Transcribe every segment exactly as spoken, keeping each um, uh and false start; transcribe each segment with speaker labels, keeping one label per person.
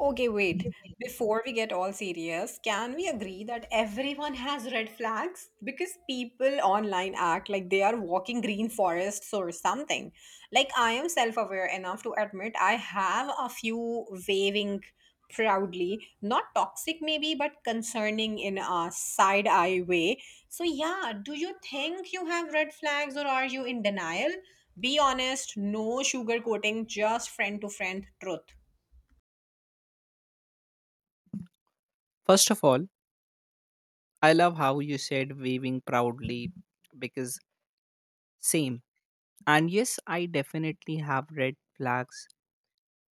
Speaker 1: Okay, wait. Before we get all serious, can we agree that everyone has red flags? Because people online act like they are walking green forests or something. Like, I am self aware enough to admit I have a few waving proudly, not toxic maybe, but concerning in a side eye way. So, yeah, do you think you have red flags or are you in denial? Be honest, no sugarcoating, just friend to friend truth.
Speaker 2: First of all, I love how you said waving proudly because same. And yes, I definitely have red flags,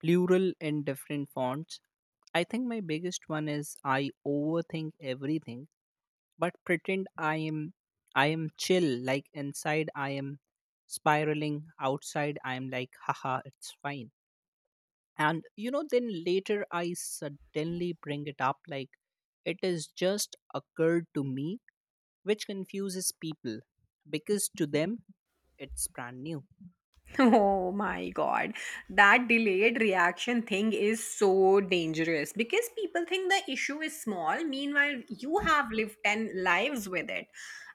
Speaker 2: plural in different fonts. I think my biggest one is I overthink everything, but pretend I am I am chill, like inside I am spiraling, outside I am like haha, it's fine. And you know, then later I suddenly bring it up like it is just occurred to me, which confuses people because to them it's brand new.
Speaker 1: Oh my God. That delayed reaction thing is so dangerous because people think the issue is small. Meanwhile, you have lived ten lives with it.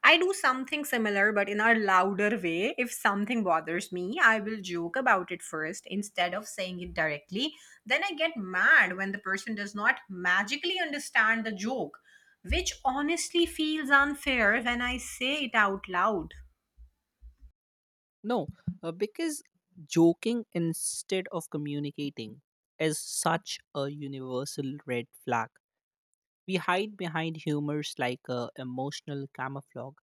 Speaker 1: I do something similar, but in a louder way. If something bothers me, I will joke about it first instead of saying it directly. Then I get mad when the person does not magically understand the joke, which honestly feels unfair when I say it out loud.
Speaker 2: No, uh, because joking instead of communicating is such a universal red flag. We hide behind humors like a emotional camouflage,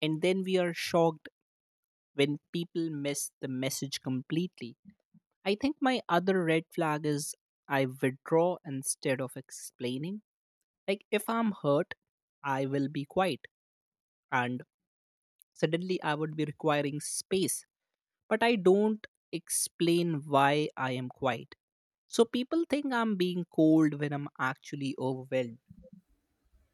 Speaker 2: and then we are shocked when people miss the message completely. I think my other red flag is I withdraw instead of explaining. Like if I'm hurt, I will be quiet and suddenly I would be requiring space, but I don't explain why I am quiet. So people think I'm being cold when I'm actually overwhelmed.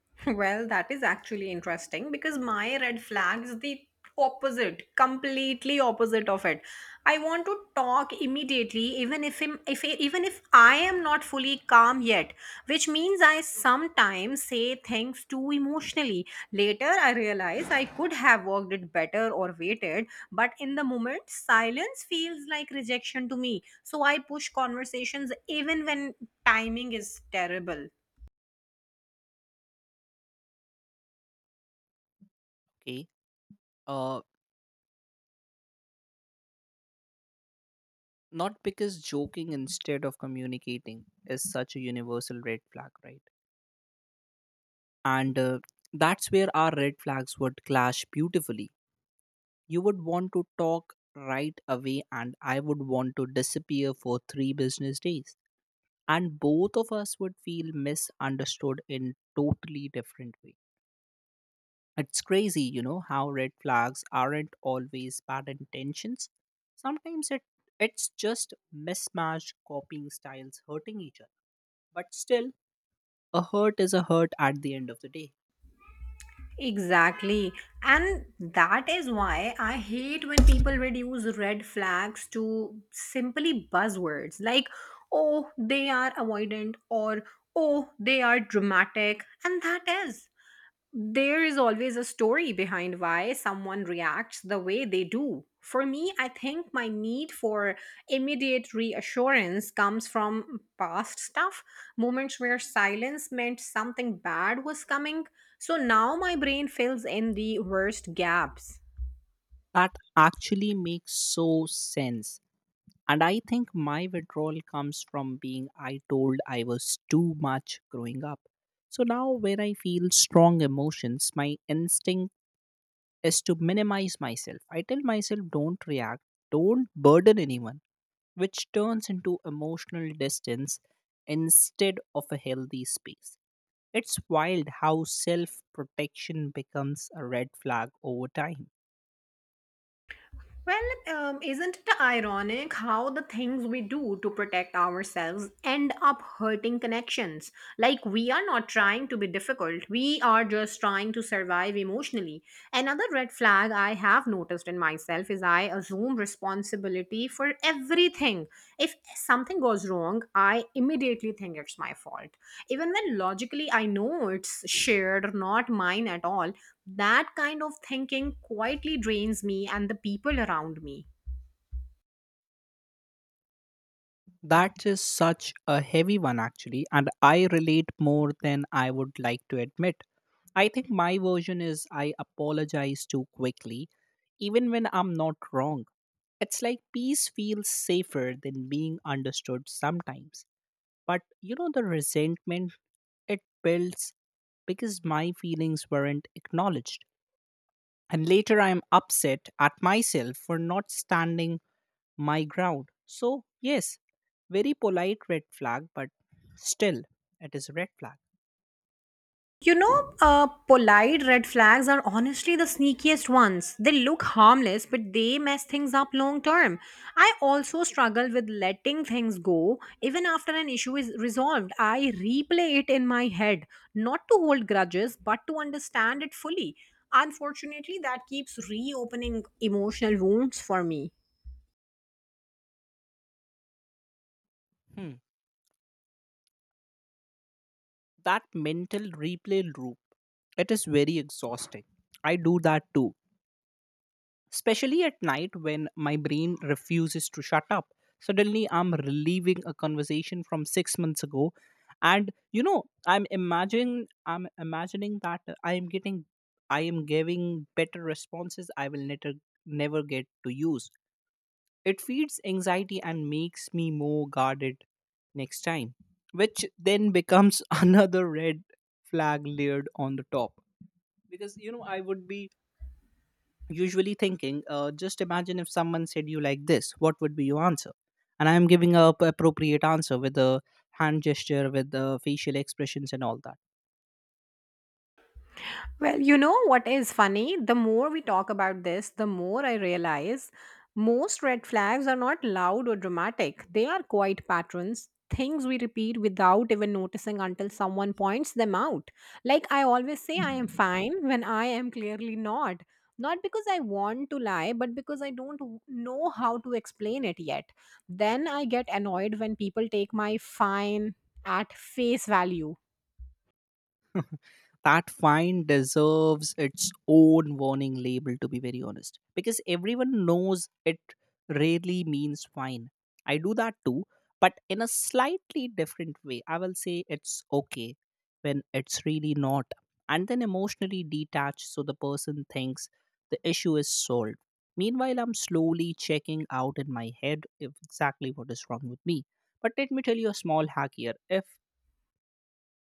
Speaker 1: Well, that is actually interesting because my red flag is the opposite, completely opposite of it. I want to talk immediately, even if im- if even if I am not fully calm yet, which means I sometimes say things too emotionally. Later, I realize I could have worked it better or waited, but in the moment, silence feels like rejection to me. So I push conversations even when timing is terrible.
Speaker 2: Okay, uh, not because joking instead of communicating is such a universal red flag, right? And uh, that's where our red flags would clash beautifully. You would want to talk right away, and I would want to disappear for three business days. And both of us would feel misunderstood in totally different way. It's crazy. You know how red flags aren't always bad intentions. Sometimes it it's just mismatched copying styles hurting each other, but still, a hurt is a hurt at the end of the day.
Speaker 1: Exactly. And that is why I hate when people reduce red flags to simply buzzwords like, oh, they are avoidant or oh, they are dramatic. And that is there is always a story behind why someone reacts the way they do. For me, I think my need for immediate reassurance comes from past stuff, moments where silence meant something bad was coming. So now my brain fills in the worst gaps.
Speaker 2: That actually makes so sense. And I think my withdrawal comes from being I told I was too much growing up. So now, when I feel strong emotions, my instinct is to minimize myself. I tell myself, don't react, don't burden anyone, which turns into emotional distance instead of a healthy space. It's wild how self protection becomes a red flag over time.
Speaker 1: Well, um, isn't it ironic how the things we do to protect ourselves end up hurting connections? Like, we are not trying to be difficult, we are just trying to survive emotionally. Another red flag I have noticed in myself is I assume responsibility for everything. If something goes wrong, I immediately think it's my fault. Even when logically I know it's shared, not mine at all, that kind of thinking quietly drains me and the people around me.
Speaker 2: That is such a heavy one, actually, and I relate more than I would like to admit. I think my version is I apologize too quickly, even when I'm not wrong. It's like peace feels safer than being understood sometimes. But you know, the resentment it builds because my feelings weren't acknowledged. And later I'm upset at myself for not standing my ground. So, yes, very polite red flag, but still, it is a red flag.
Speaker 1: You know, uh, polite red flags are honestly the sneakiest ones. They look harmless, but they mess things up long term. I also struggle with letting things go. Even after an issue is resolved, I replay it in my head, not to hold grudges, but to understand it fully. Unfortunately, that keeps reopening emotional wounds for me.
Speaker 2: Hmm. That mental replay loop, it is very exhausting. I do that too, especially at night when my brain refuses to shut up. Suddenly, I'm reliving a conversation from six months ago, and you know, I'm imagining, I'm imagining, that I am getting, I am giving better responses I will never, never get to use. It feeds anxiety and makes me more guarded next time, which then becomes another red flag layered on the top. Because you know, I would be usually thinking uh, just imagine if someone said you like this, what would be your answer? And I am giving a p- appropriate answer with a hand gesture with the facial expressions and all that.
Speaker 1: Well, you know what is funny? The more we talk about this, the more I realize most red flags are not loud or dramatic. They are quiet patterns, things we repeat without even noticing until someone points them out. Like I always say, I am fine when I am clearly not. Not because I want to lie, but because I don't w- know how to explain it yet. Then I get annoyed when people take my fine at face value.
Speaker 2: That fine deserves its own warning label, to be very honest, because everyone knows it rarely means fine. I do that too, but in a slightly different way. I will say it's okay when it's really not, and then emotionally detached, so the person thinks the issue is solved. Meanwhile, I'm slowly checking out in my head if exactly what is wrong with me. But let me tell you a small hack here. If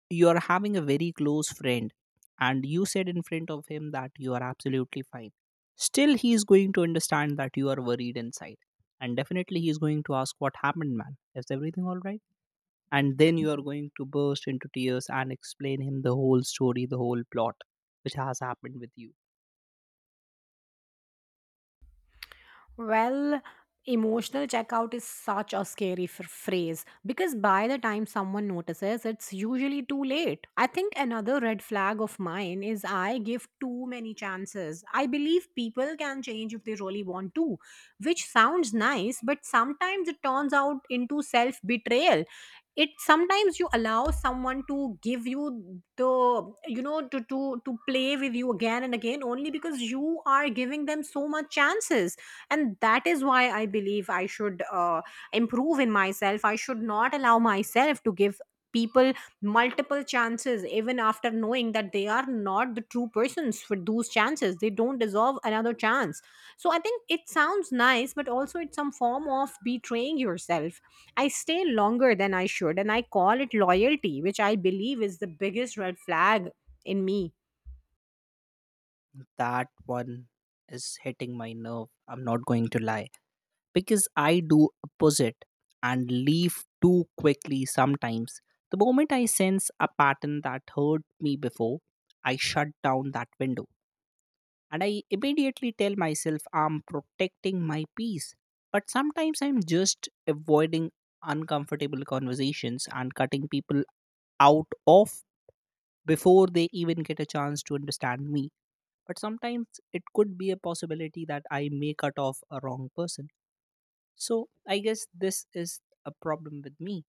Speaker 2: you're having a very close friend and you said in front of him that you are absolutely fine, still he is going to understand that you are worried inside, and definitely he is going to ask, what happened, man? Is everything all right? And then you are going to burst into tears and explain him the whole story, the whole plot, which has happened with you.
Speaker 1: Well, emotional checkout is such a scary f- phrase because by the time someone notices, it's usually too late. I think another red flag of mine is I give too many chances. I believe people can change if they really want to, which sounds nice, but sometimes it turns out into self betrayal. It sometimes you allow someone to give you the you know to to to play with you again and again only because you are giving them so much chances. And that is why I believe I should uh, improve in myself. I should not allow myself to give people multiple chances even after knowing that they are not the true persons for those chances. They don't deserve another chance. So I think it sounds nice, but also it's some form of betraying yourself. I stay longer than I should and I call it loyalty, which I believe is the biggest red flag in me.
Speaker 2: That one is hitting my nerve. I'm not going to lie, because I do opposite and leave too quickly sometimes. The moment I sense a pattern that hurt me before, I shut down that window and I immediately tell myself I'm protecting my peace. But sometimes I'm just avoiding uncomfortable conversations and cutting people out of before they even get a chance to understand me. But sometimes it could be a possibility that I may cut off a wrong person. So I guess this is a problem with me.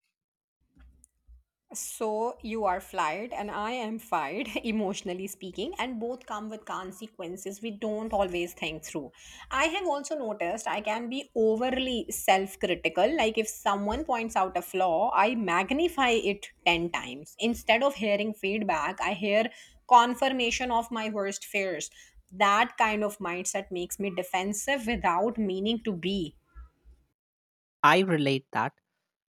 Speaker 1: So you are fired and I am fired, emotionally speaking, and both come with consequences we don't always think through. I have also noticed I can be overly self critical. Like if someone points out a flaw, I magnify it ten times. Instead of hearing feedback, I hear confirmation of my worst fears. That kind of mindset makes me defensive without meaning to be.
Speaker 2: I relate that,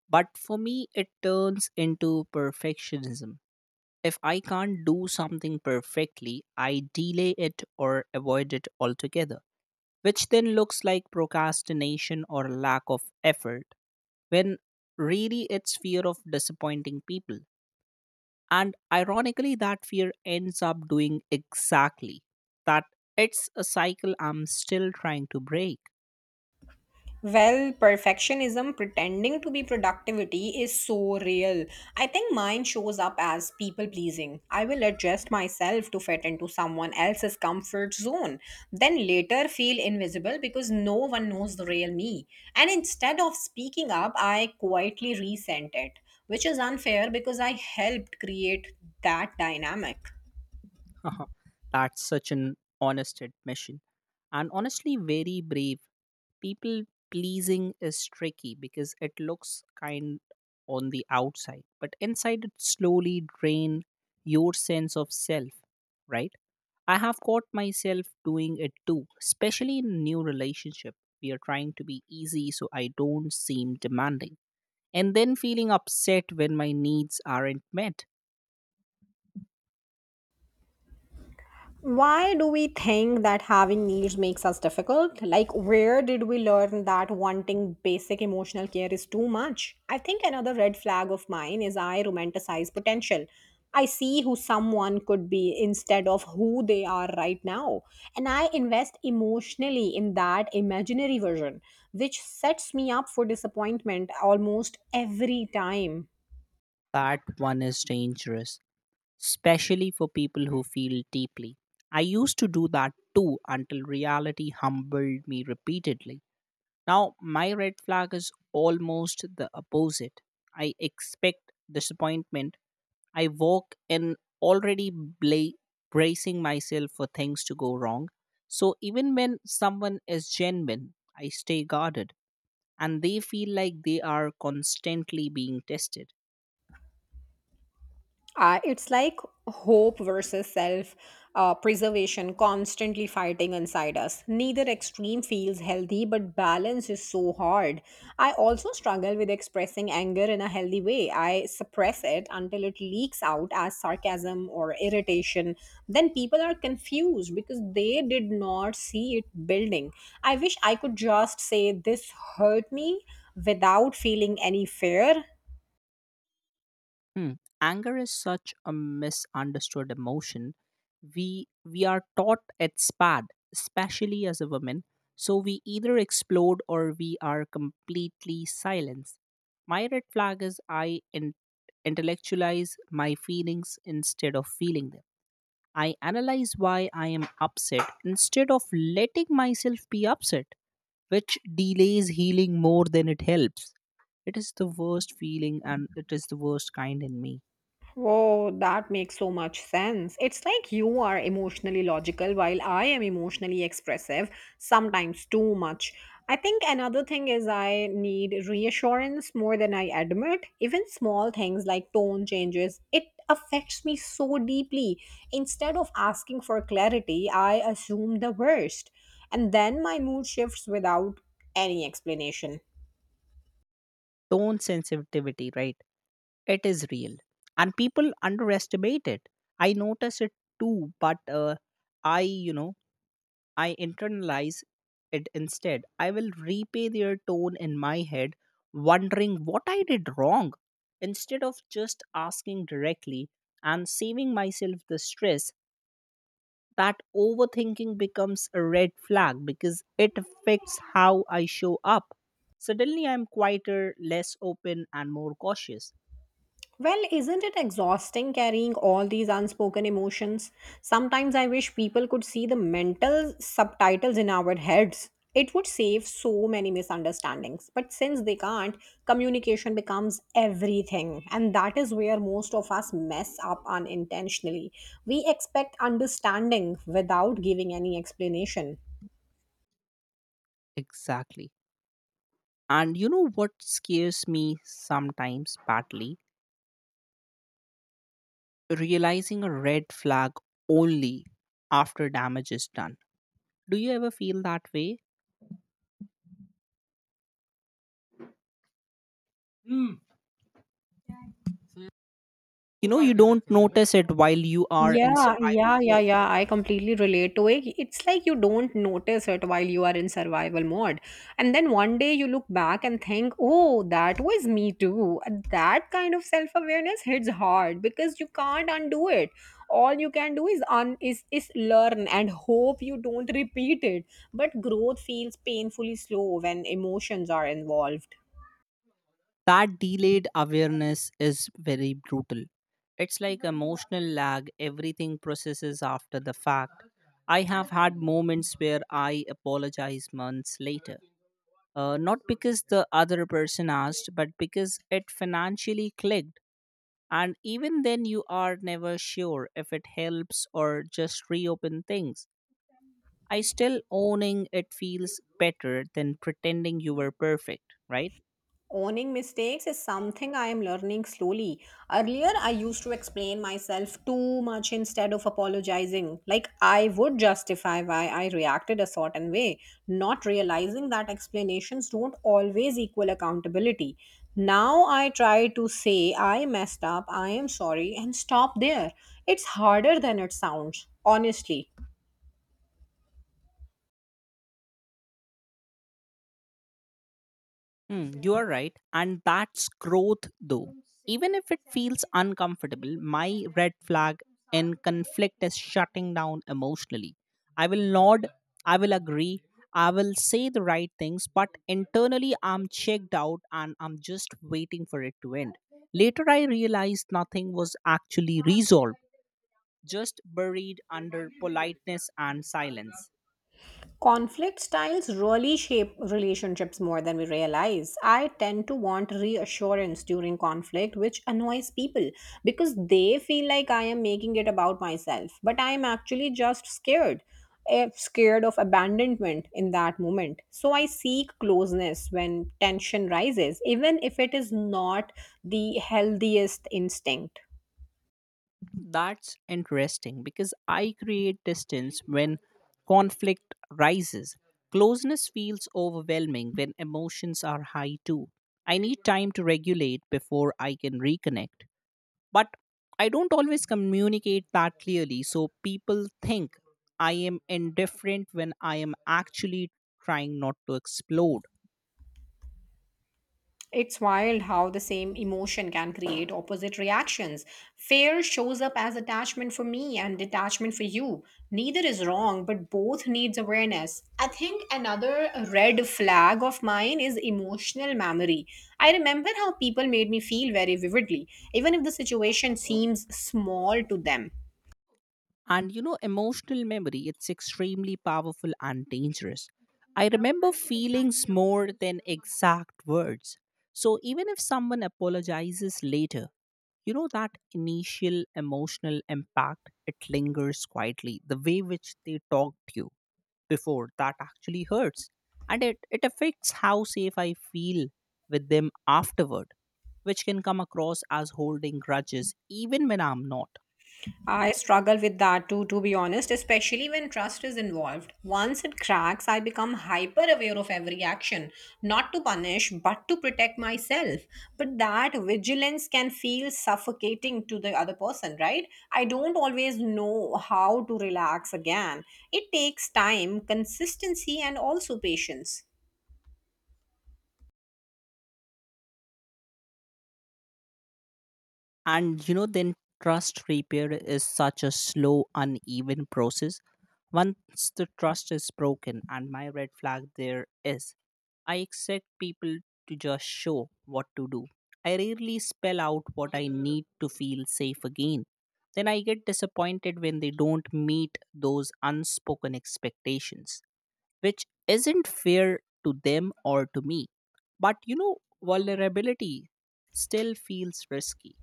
Speaker 2: but for me, it turns into perfectionism. If I can't do something perfectly, I delay it or avoid it altogether, which then looks like procrastination or lack of effort, when really it's fear of disappointing people. And ironically, that fear ends up doing exactly that. It's a cycle I'm still trying to break.
Speaker 1: Well, perfectionism pretending to be productivity is so real. I think mine shows up as people pleasing. I will adjust myself to fit into someone else's comfort zone, then later feel invisible because no one knows the real me. And instead of speaking up, I quietly resent it, which is unfair because I helped create that dynamic.
Speaker 2: Uh-huh. That's such an honest admission. And honestly, very brave. People pleasing is tricky because it looks kind on the outside, but inside it slowly drain your sense of self, right? I have caught myself doing it too, especially in new relationship. We are trying to be easy so I don't seem demanding. And then feeling upset when my needs aren't met.
Speaker 1: Why do we think that having needs makes us difficult? Like, where did we learn that wanting basic emotional care is too much? I think another red flag of mine is I romanticize potential. I see who someone could be instead of who they are right now. And I invest emotionally in that imaginary version, which sets me up for disappointment almost every time.
Speaker 2: That one is dangerous, especially for people who feel deeply. I used to do that too until reality humbled me repeatedly. Now, my red flag is almost the opposite. I expect disappointment. I walk in already bla- bracing myself for things to go wrong. So, even when someone is genuine, I stay guarded and they feel like they are constantly being tested.
Speaker 1: Uh, it's like hope versus self uh, preservation constantly fighting inside us. Neither extreme feels healthy, but balance is so hard. I also struggle with expressing anger in a healthy way. I suppress it until it leaks out as sarcasm or irritation. Then people are confused because they did not see it building. I wish I could just say this hurt me without feeling any fear.
Speaker 2: Hmm. Anger is such a misunderstood emotion. We we are taught it's bad, especially as a woman. So we either explode or we are completely silenced. My red flag is I in- intellectualize my feelings instead of feeling them. I analyze why I am upset instead of letting myself be upset, which delays healing more than it helps. It is the worst feeling and it is the worst kind in me.
Speaker 1: Oh, that makes so much sense. It's like you are emotionally logical while I am emotionally expressive, sometimes too much. I think another thing is I need reassurance more than I admit. Even small things like tone changes, it affects me so deeply. Instead of asking for clarity, I assume the worst. And then my mood shifts without any explanation.
Speaker 2: Tone sensitivity, right? It is real. And people underestimate it. I notice it too, but uh, I, you know, I internalize it instead. I will repay their tone in my head, wondering what I did wrong, instead of just asking directly and saving myself the stress. That overthinking becomes a red flag because it affects how I show up. Suddenly, I'm quieter, less open, and more cautious.
Speaker 1: Well, isn't it exhausting carrying all these unspoken emotions? Sometimes I wish people could see the mental subtitles in our heads. It would save so many misunderstandings. But since they can't, communication becomes everything. And that is where most of us mess up unintentionally. We expect understanding without giving any explanation.
Speaker 2: Exactly. And you know what scares me sometimes badly? Realizing a red flag only after damage is done. Do you ever feel that way? You know, you don't notice it while you are in
Speaker 1: Yeah, yeah,
Speaker 2: survival
Speaker 1: yeah,
Speaker 2: mode.
Speaker 1: yeah, I completely relate to it. It's like you don't notice it while you are in survival mode. And then one day you look back and think, oh, that was me too. And that kind of self awareness hits hard because you can't undo it. All you can do is un is, is learn and hope you don't repeat it. But growth feels painfully slow when emotions are involved.
Speaker 2: That delayed awareness is very brutal. It's like emotional lag, everything processes after the fact. I have had moments where I apologize months later, uh, not because the other person asked, but because it financially clicked. And even then, you are never sure if it helps or just reopen things. I still owning it feels better than pretending you were perfect, right?
Speaker 1: Owning mistakes is something I am learning slowly. Earlier, I used to explain myself too much instead of apologizing. Like, I would justify why I reacted a certain way, not realizing that explanations don't always equal accountability. Now, I try to say, I messed up, I am sorry, and stop there. It's harder than it sounds, honestly.
Speaker 2: Mm, you are right. And that's growth, though. Even if it feels uncomfortable, my red flag in conflict is shutting down emotionally. I will nod, I will agree, I will say the right things, but internally I'm checked out and I'm just waiting for it to end. Later, I realized nothing was actually resolved, just buried under politeness and silence.
Speaker 1: Conflict styles really shape relationships more than we realize. I tend to want reassurance during conflict, which annoys people because they feel like I am making it about myself, but I am actually just scared. eh, Scared of abandonment in that moment. So I seek closeness when tension rises, even if it is not the healthiest instinct.
Speaker 2: That's interesting because I create distance when conflict rises. Closeness feels overwhelming when emotions are high too. I need time to regulate before I can reconnect. But I don't always communicate that clearly, so people think I am indifferent when I am actually trying not to explode.
Speaker 1: It's wild how the same emotion can create opposite reactions. Fear shows up as attachment for me and detachment for you. Neither is wrong, but both needs awareness. I think another red flag of mine is emotional memory. I remember how people made me feel very vividly, even if the situation seems small to them.
Speaker 2: And you know, emotional memory, it's extremely powerful and dangerous. I remember feelings more than exact words. So even if someone apologizes later, you know that initial emotional impact it lingers quietly, the way which they talked to you before that actually hurts. And it, it affects how safe I feel with them afterward, which can come across as holding grudges even when I'm not.
Speaker 1: I struggle with that too, to be honest, especially when trust is involved. Once it cracks, I become hyper aware of every action, not to punish, but to protect myself. But that vigilance can feel suffocating to the other person, right? I don't always know how to relax again. It takes time, consistency, and also patience.
Speaker 2: And you know, then trust repair is such a slow, uneven process. Once the trust is broken, and my red flag there is, I expect people to just show what to do. I rarely spell out what I need to feel safe again. Then I get disappointed when they don't meet those unspoken expectations, which isn't fair to them or to me. But you know, vulnerability still feels risky.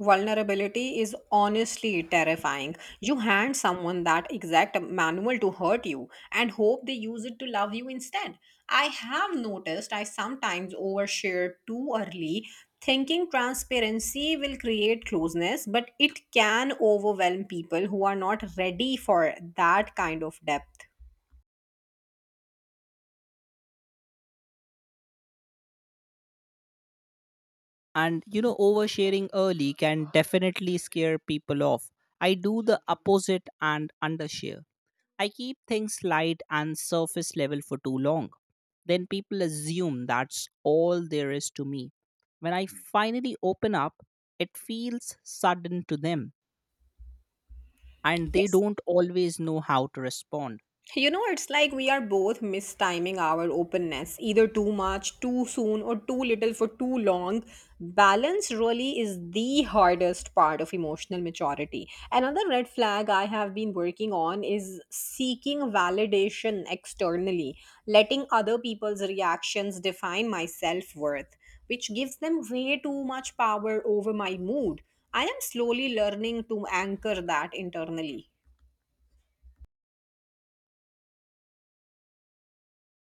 Speaker 1: Vulnerability is honestly terrifying. You hand someone that exact manual to hurt you and hope they use it to love you instead. I have noticed I sometimes overshare too early, thinking transparency will create closeness, but it can overwhelm people who are not ready for that kind of depth.
Speaker 2: And you know oversharing early can definitely scare people off. I do the opposite and undershare. I keep things light and surface level for too long, then people assume that's all there is to me. When I finally open up, it feels sudden to them and they
Speaker 1: It's
Speaker 2: don't always know how to respond.
Speaker 1: You know, it's like we are both mistiming our openness, either too much, too soon, or too little for too long. Balance really is the hardest part of emotional maturity. Another red flag I have been working on is seeking validation externally, letting other people's reactions define my self worth, which gives them way too much power over my mood. I am slowly learning to anchor that internally.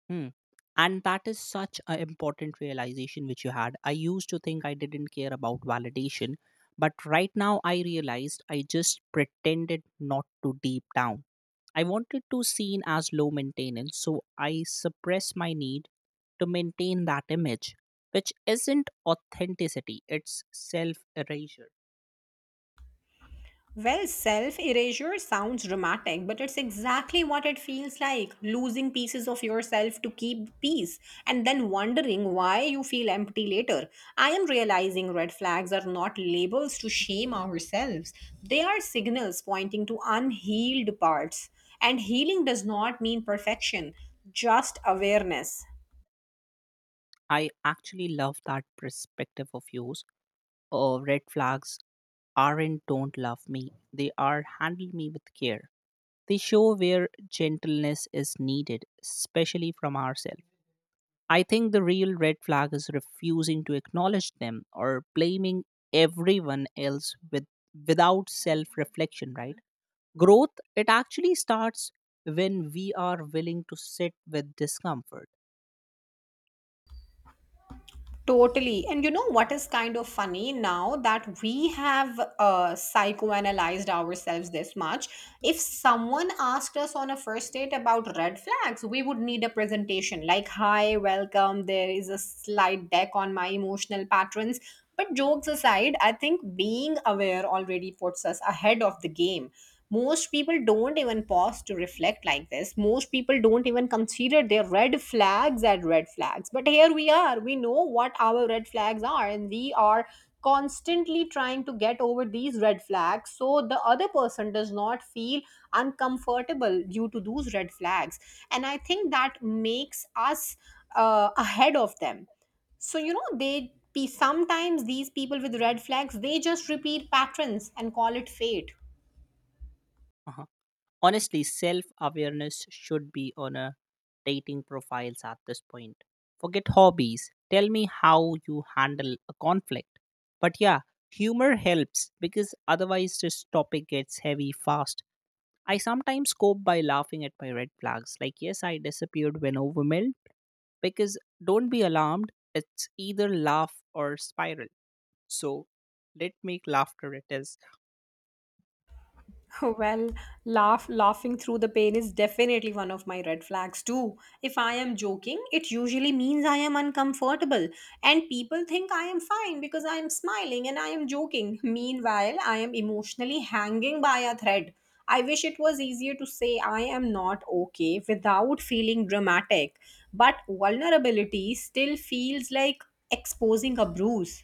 Speaker 2: Hmm. And that is such an important realization which you had. I used to think I didn't care about validation, but right now I realized I just pretended not to deep down. I wanted to seem as low maintenance, so I suppress my need to maintain that image, which isn't authenticity, it's self erasure.
Speaker 1: Well, self erasure sounds dramatic, but it's exactly what it feels like losing pieces of yourself to keep peace and then wondering why you feel empty later. I am realizing red flags are not labels to shame ourselves, they are signals pointing to unhealed parts. And healing does not mean perfection, just awareness.
Speaker 2: I actually love that perspective of yours. Oh, red flags aren't don't love me, they are handle me with care. They show where gentleness is needed, especially from ourselves. I think the real red flag is refusing to acknowledge them or blaming everyone else with without self-reflection, right? Growth it actually starts when we are willing to sit with discomfort.
Speaker 1: Totally. And you know what is kind of funny now that we have uh, psychoanalyzed ourselves this much? If someone asked us on a first date about red flags, we would need a presentation like, Hi, welcome. There is a slide deck on my emotional patterns. But jokes aside, I think being aware already puts us ahead of the game. Most people don't even pause to reflect like this. Most people don't even consider their red flags as red flags. But here we are. We know what our red flags are, and we are constantly trying to get over these red flags so the other person does not feel uncomfortable due to those red flags. And I think that makes us uh, ahead of them so, you know, they be sometimes these people with red flags, they just repeat patterns and call it fate.
Speaker 2: Uh-huh. Honestly, self awareness should be on a dating profiles at this point. Forget hobbies. Tell me how you handle a conflict. But yeah, humor helps because otherwise this topic gets heavy fast. I sometimes cope by laughing at my red flags. Like, yes, I disappeared when overwhelmed because don't be alarmed. It's either laugh or spiral. So let make laughter it is.
Speaker 1: Well, laugh laughing through the pain is definitely one of my red flags too. If I am joking, it usually means I am uncomfortable and people think I am fine because I am smiling and I am joking. Meanwhile, I am emotionally hanging by a thread. I wish it was easier to say I am not okay without feeling dramatic, but vulnerability still feels like exposing a bruise.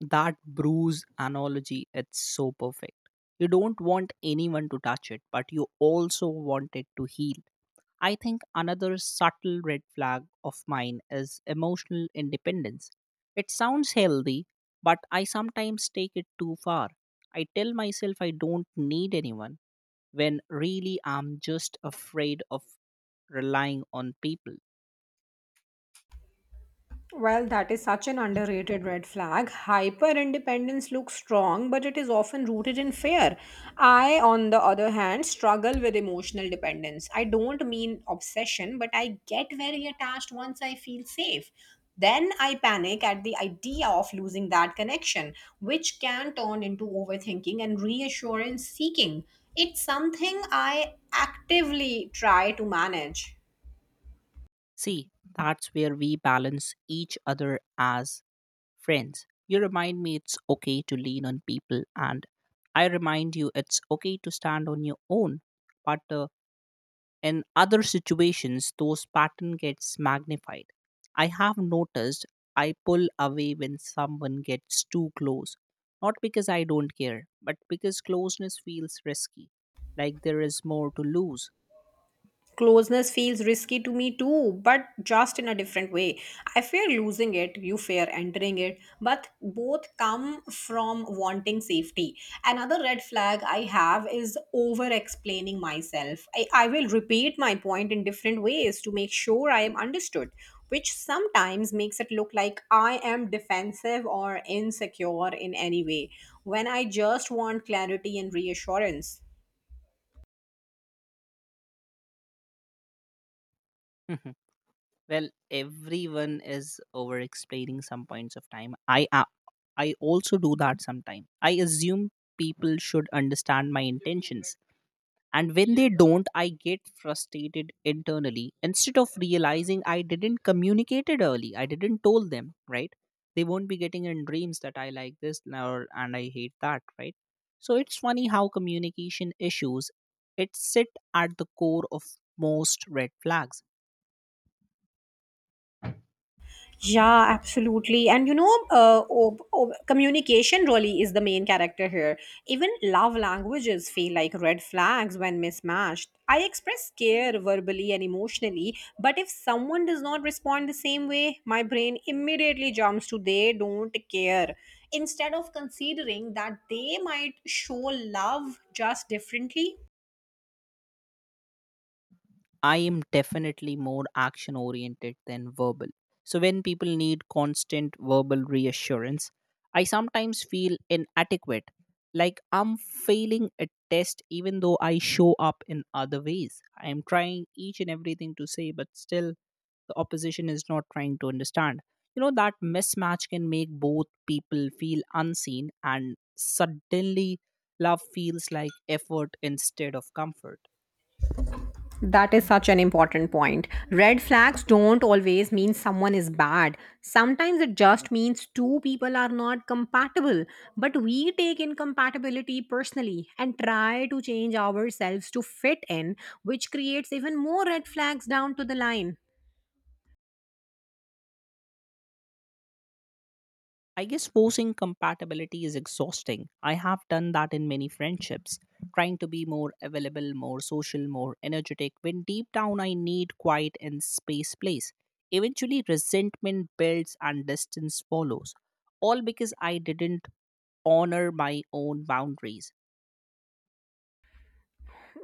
Speaker 2: That bruise analogy it's so perfect. You don't want anyone to touch it, but you also want it to heal. I think another subtle red flag of mine is emotional independence. It sounds healthy, but I sometimes take it too far. I tell myself I don't need anyone when really I'm just afraid of relying on people.
Speaker 1: Well, that is such an underrated red flag. Hyper independence looks strong, but it is often rooted in fear. I, on the other hand, struggle with emotional dependence. I don't mean obsession, but I get very attached once I feel safe. Then I panic at the idea of losing that connection, which can turn into overthinking and reassurance seeking. It's something I actively try to manage.
Speaker 2: See, that's where we balance each other as friends. You remind me it's okay to lean on people, and I remind you it's okay to stand on your own. But uh, in other situations, those pattern gets magnified. I have noticed I pull away when someone gets too close, not because I don't care, but because closeness feels risky, like there is more to lose.
Speaker 1: Closeness feels risky to me too, but just in a different way. I fear losing it, you fear entering it, but both come from wanting safety. Another red flag I have is over explaining myself. I, I will repeat my point in different ways to make sure I am understood, which sometimes makes it look like I am defensive or insecure in any way when I just want clarity and reassurance.
Speaker 2: Well, everyone is over explaining some points of time. I I also do that sometimes. I assume people should understand my intentions. And when they don't, I get frustrated internally instead of realizing I didn't communicate it early. I didn't told them, right? They won't be getting in dreams that I like this now and I hate that, right? So it's funny how communication issues it sit at the core of most red flags.
Speaker 1: Yeah, absolutely. And you know, uh, ob- ob- communication really is the main character here. Even love languages feel like red flags when mismatched. I express care verbally and emotionally, but if someone does not respond the same way, my brain immediately jumps to they don't care. Instead of considering that they might show love just differently.
Speaker 2: I am definitely more action oriented than verbal. So when people need constant verbal reassurance, I sometimes feel inadequate, like I'm failing a test even though I show up in other ways. I am trying each and everything to say, but still the opposition is not trying to understand. You know that mismatch can make both people feel unseen, and suddenly love feels like effort instead of comfort.
Speaker 1: That is such an important point. Red flags don't always mean someone is bad. Sometimes it just means two people are not compatible. But we take incompatibility personally and try to change ourselves to fit in, which creates even more red flags down to the line.
Speaker 2: I guess forcing compatibility is exhausting. I have done that in many friendships, trying to be more available, more social, more energetic when deep down I need quiet and space place. Eventually resentment builds and distance follows, all because I didn't honor my own boundaries.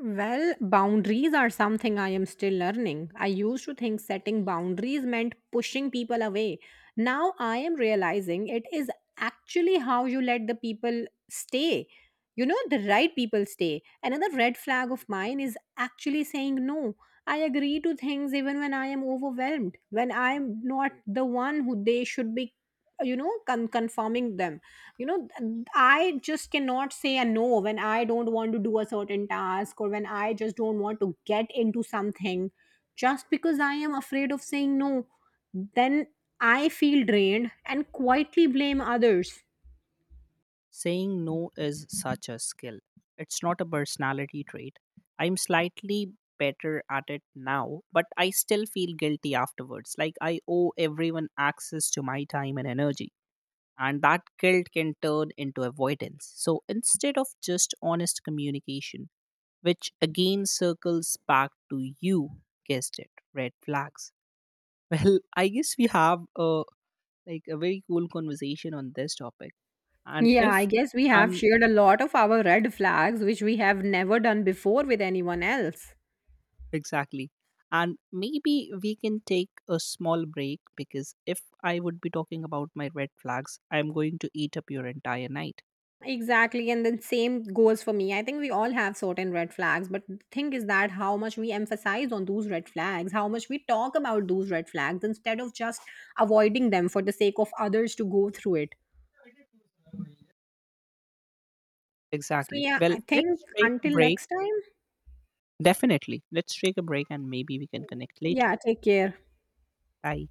Speaker 1: Well, boundaries are something I am still learning. I used to think setting boundaries meant pushing people away. Now I am realizing it is actually how you let the people stay. You know, the right people stay. Another red flag of mine is actually saying no. I agree to things even when I am overwhelmed, when I'm not the one who they should be, you know, con- conforming them. You know th- i just cannot say a no when I don't want to do a certain task or when I just don't want to get into something just because I am afraid of saying no. Then I feel drained and quietly blame others.
Speaker 2: Saying no is such a skill. It's not a personality trait. I'm slightly better at it now, but I still feel guilty afterwards. Like I owe everyone access to my time and energy. And that guilt can turn into avoidance. So instead of just honest communication, which again circles back to you, guessed it, red flags. Well, I guess we have a like a very cool conversation on this topic. And
Speaker 1: Yeah, I
Speaker 2: if
Speaker 1: guess we have
Speaker 2: I'm—
Speaker 1: shared a lot of our red flags, which we have never done before with anyone else.
Speaker 2: Exactly. And maybe we can take a small break because if I would be talking about my red flags, I'm going to eat up your entire night.
Speaker 1: Exactly, and then same goes for me. I think we all have certain red flags, but the thing is that how much we emphasize on those red flags, how much we talk about those red flags instead of just avoiding them for the sake of others to go through it. So,
Speaker 2: Exactly.
Speaker 1: yeah,
Speaker 2: Well,
Speaker 1: I think
Speaker 2: let's take a
Speaker 1: until
Speaker 2: break.
Speaker 1: next time,
Speaker 2: Definitely. Let's take a break and maybe we can connect
Speaker 1: yeah,
Speaker 2: later.
Speaker 1: take care.
Speaker 2: Bye.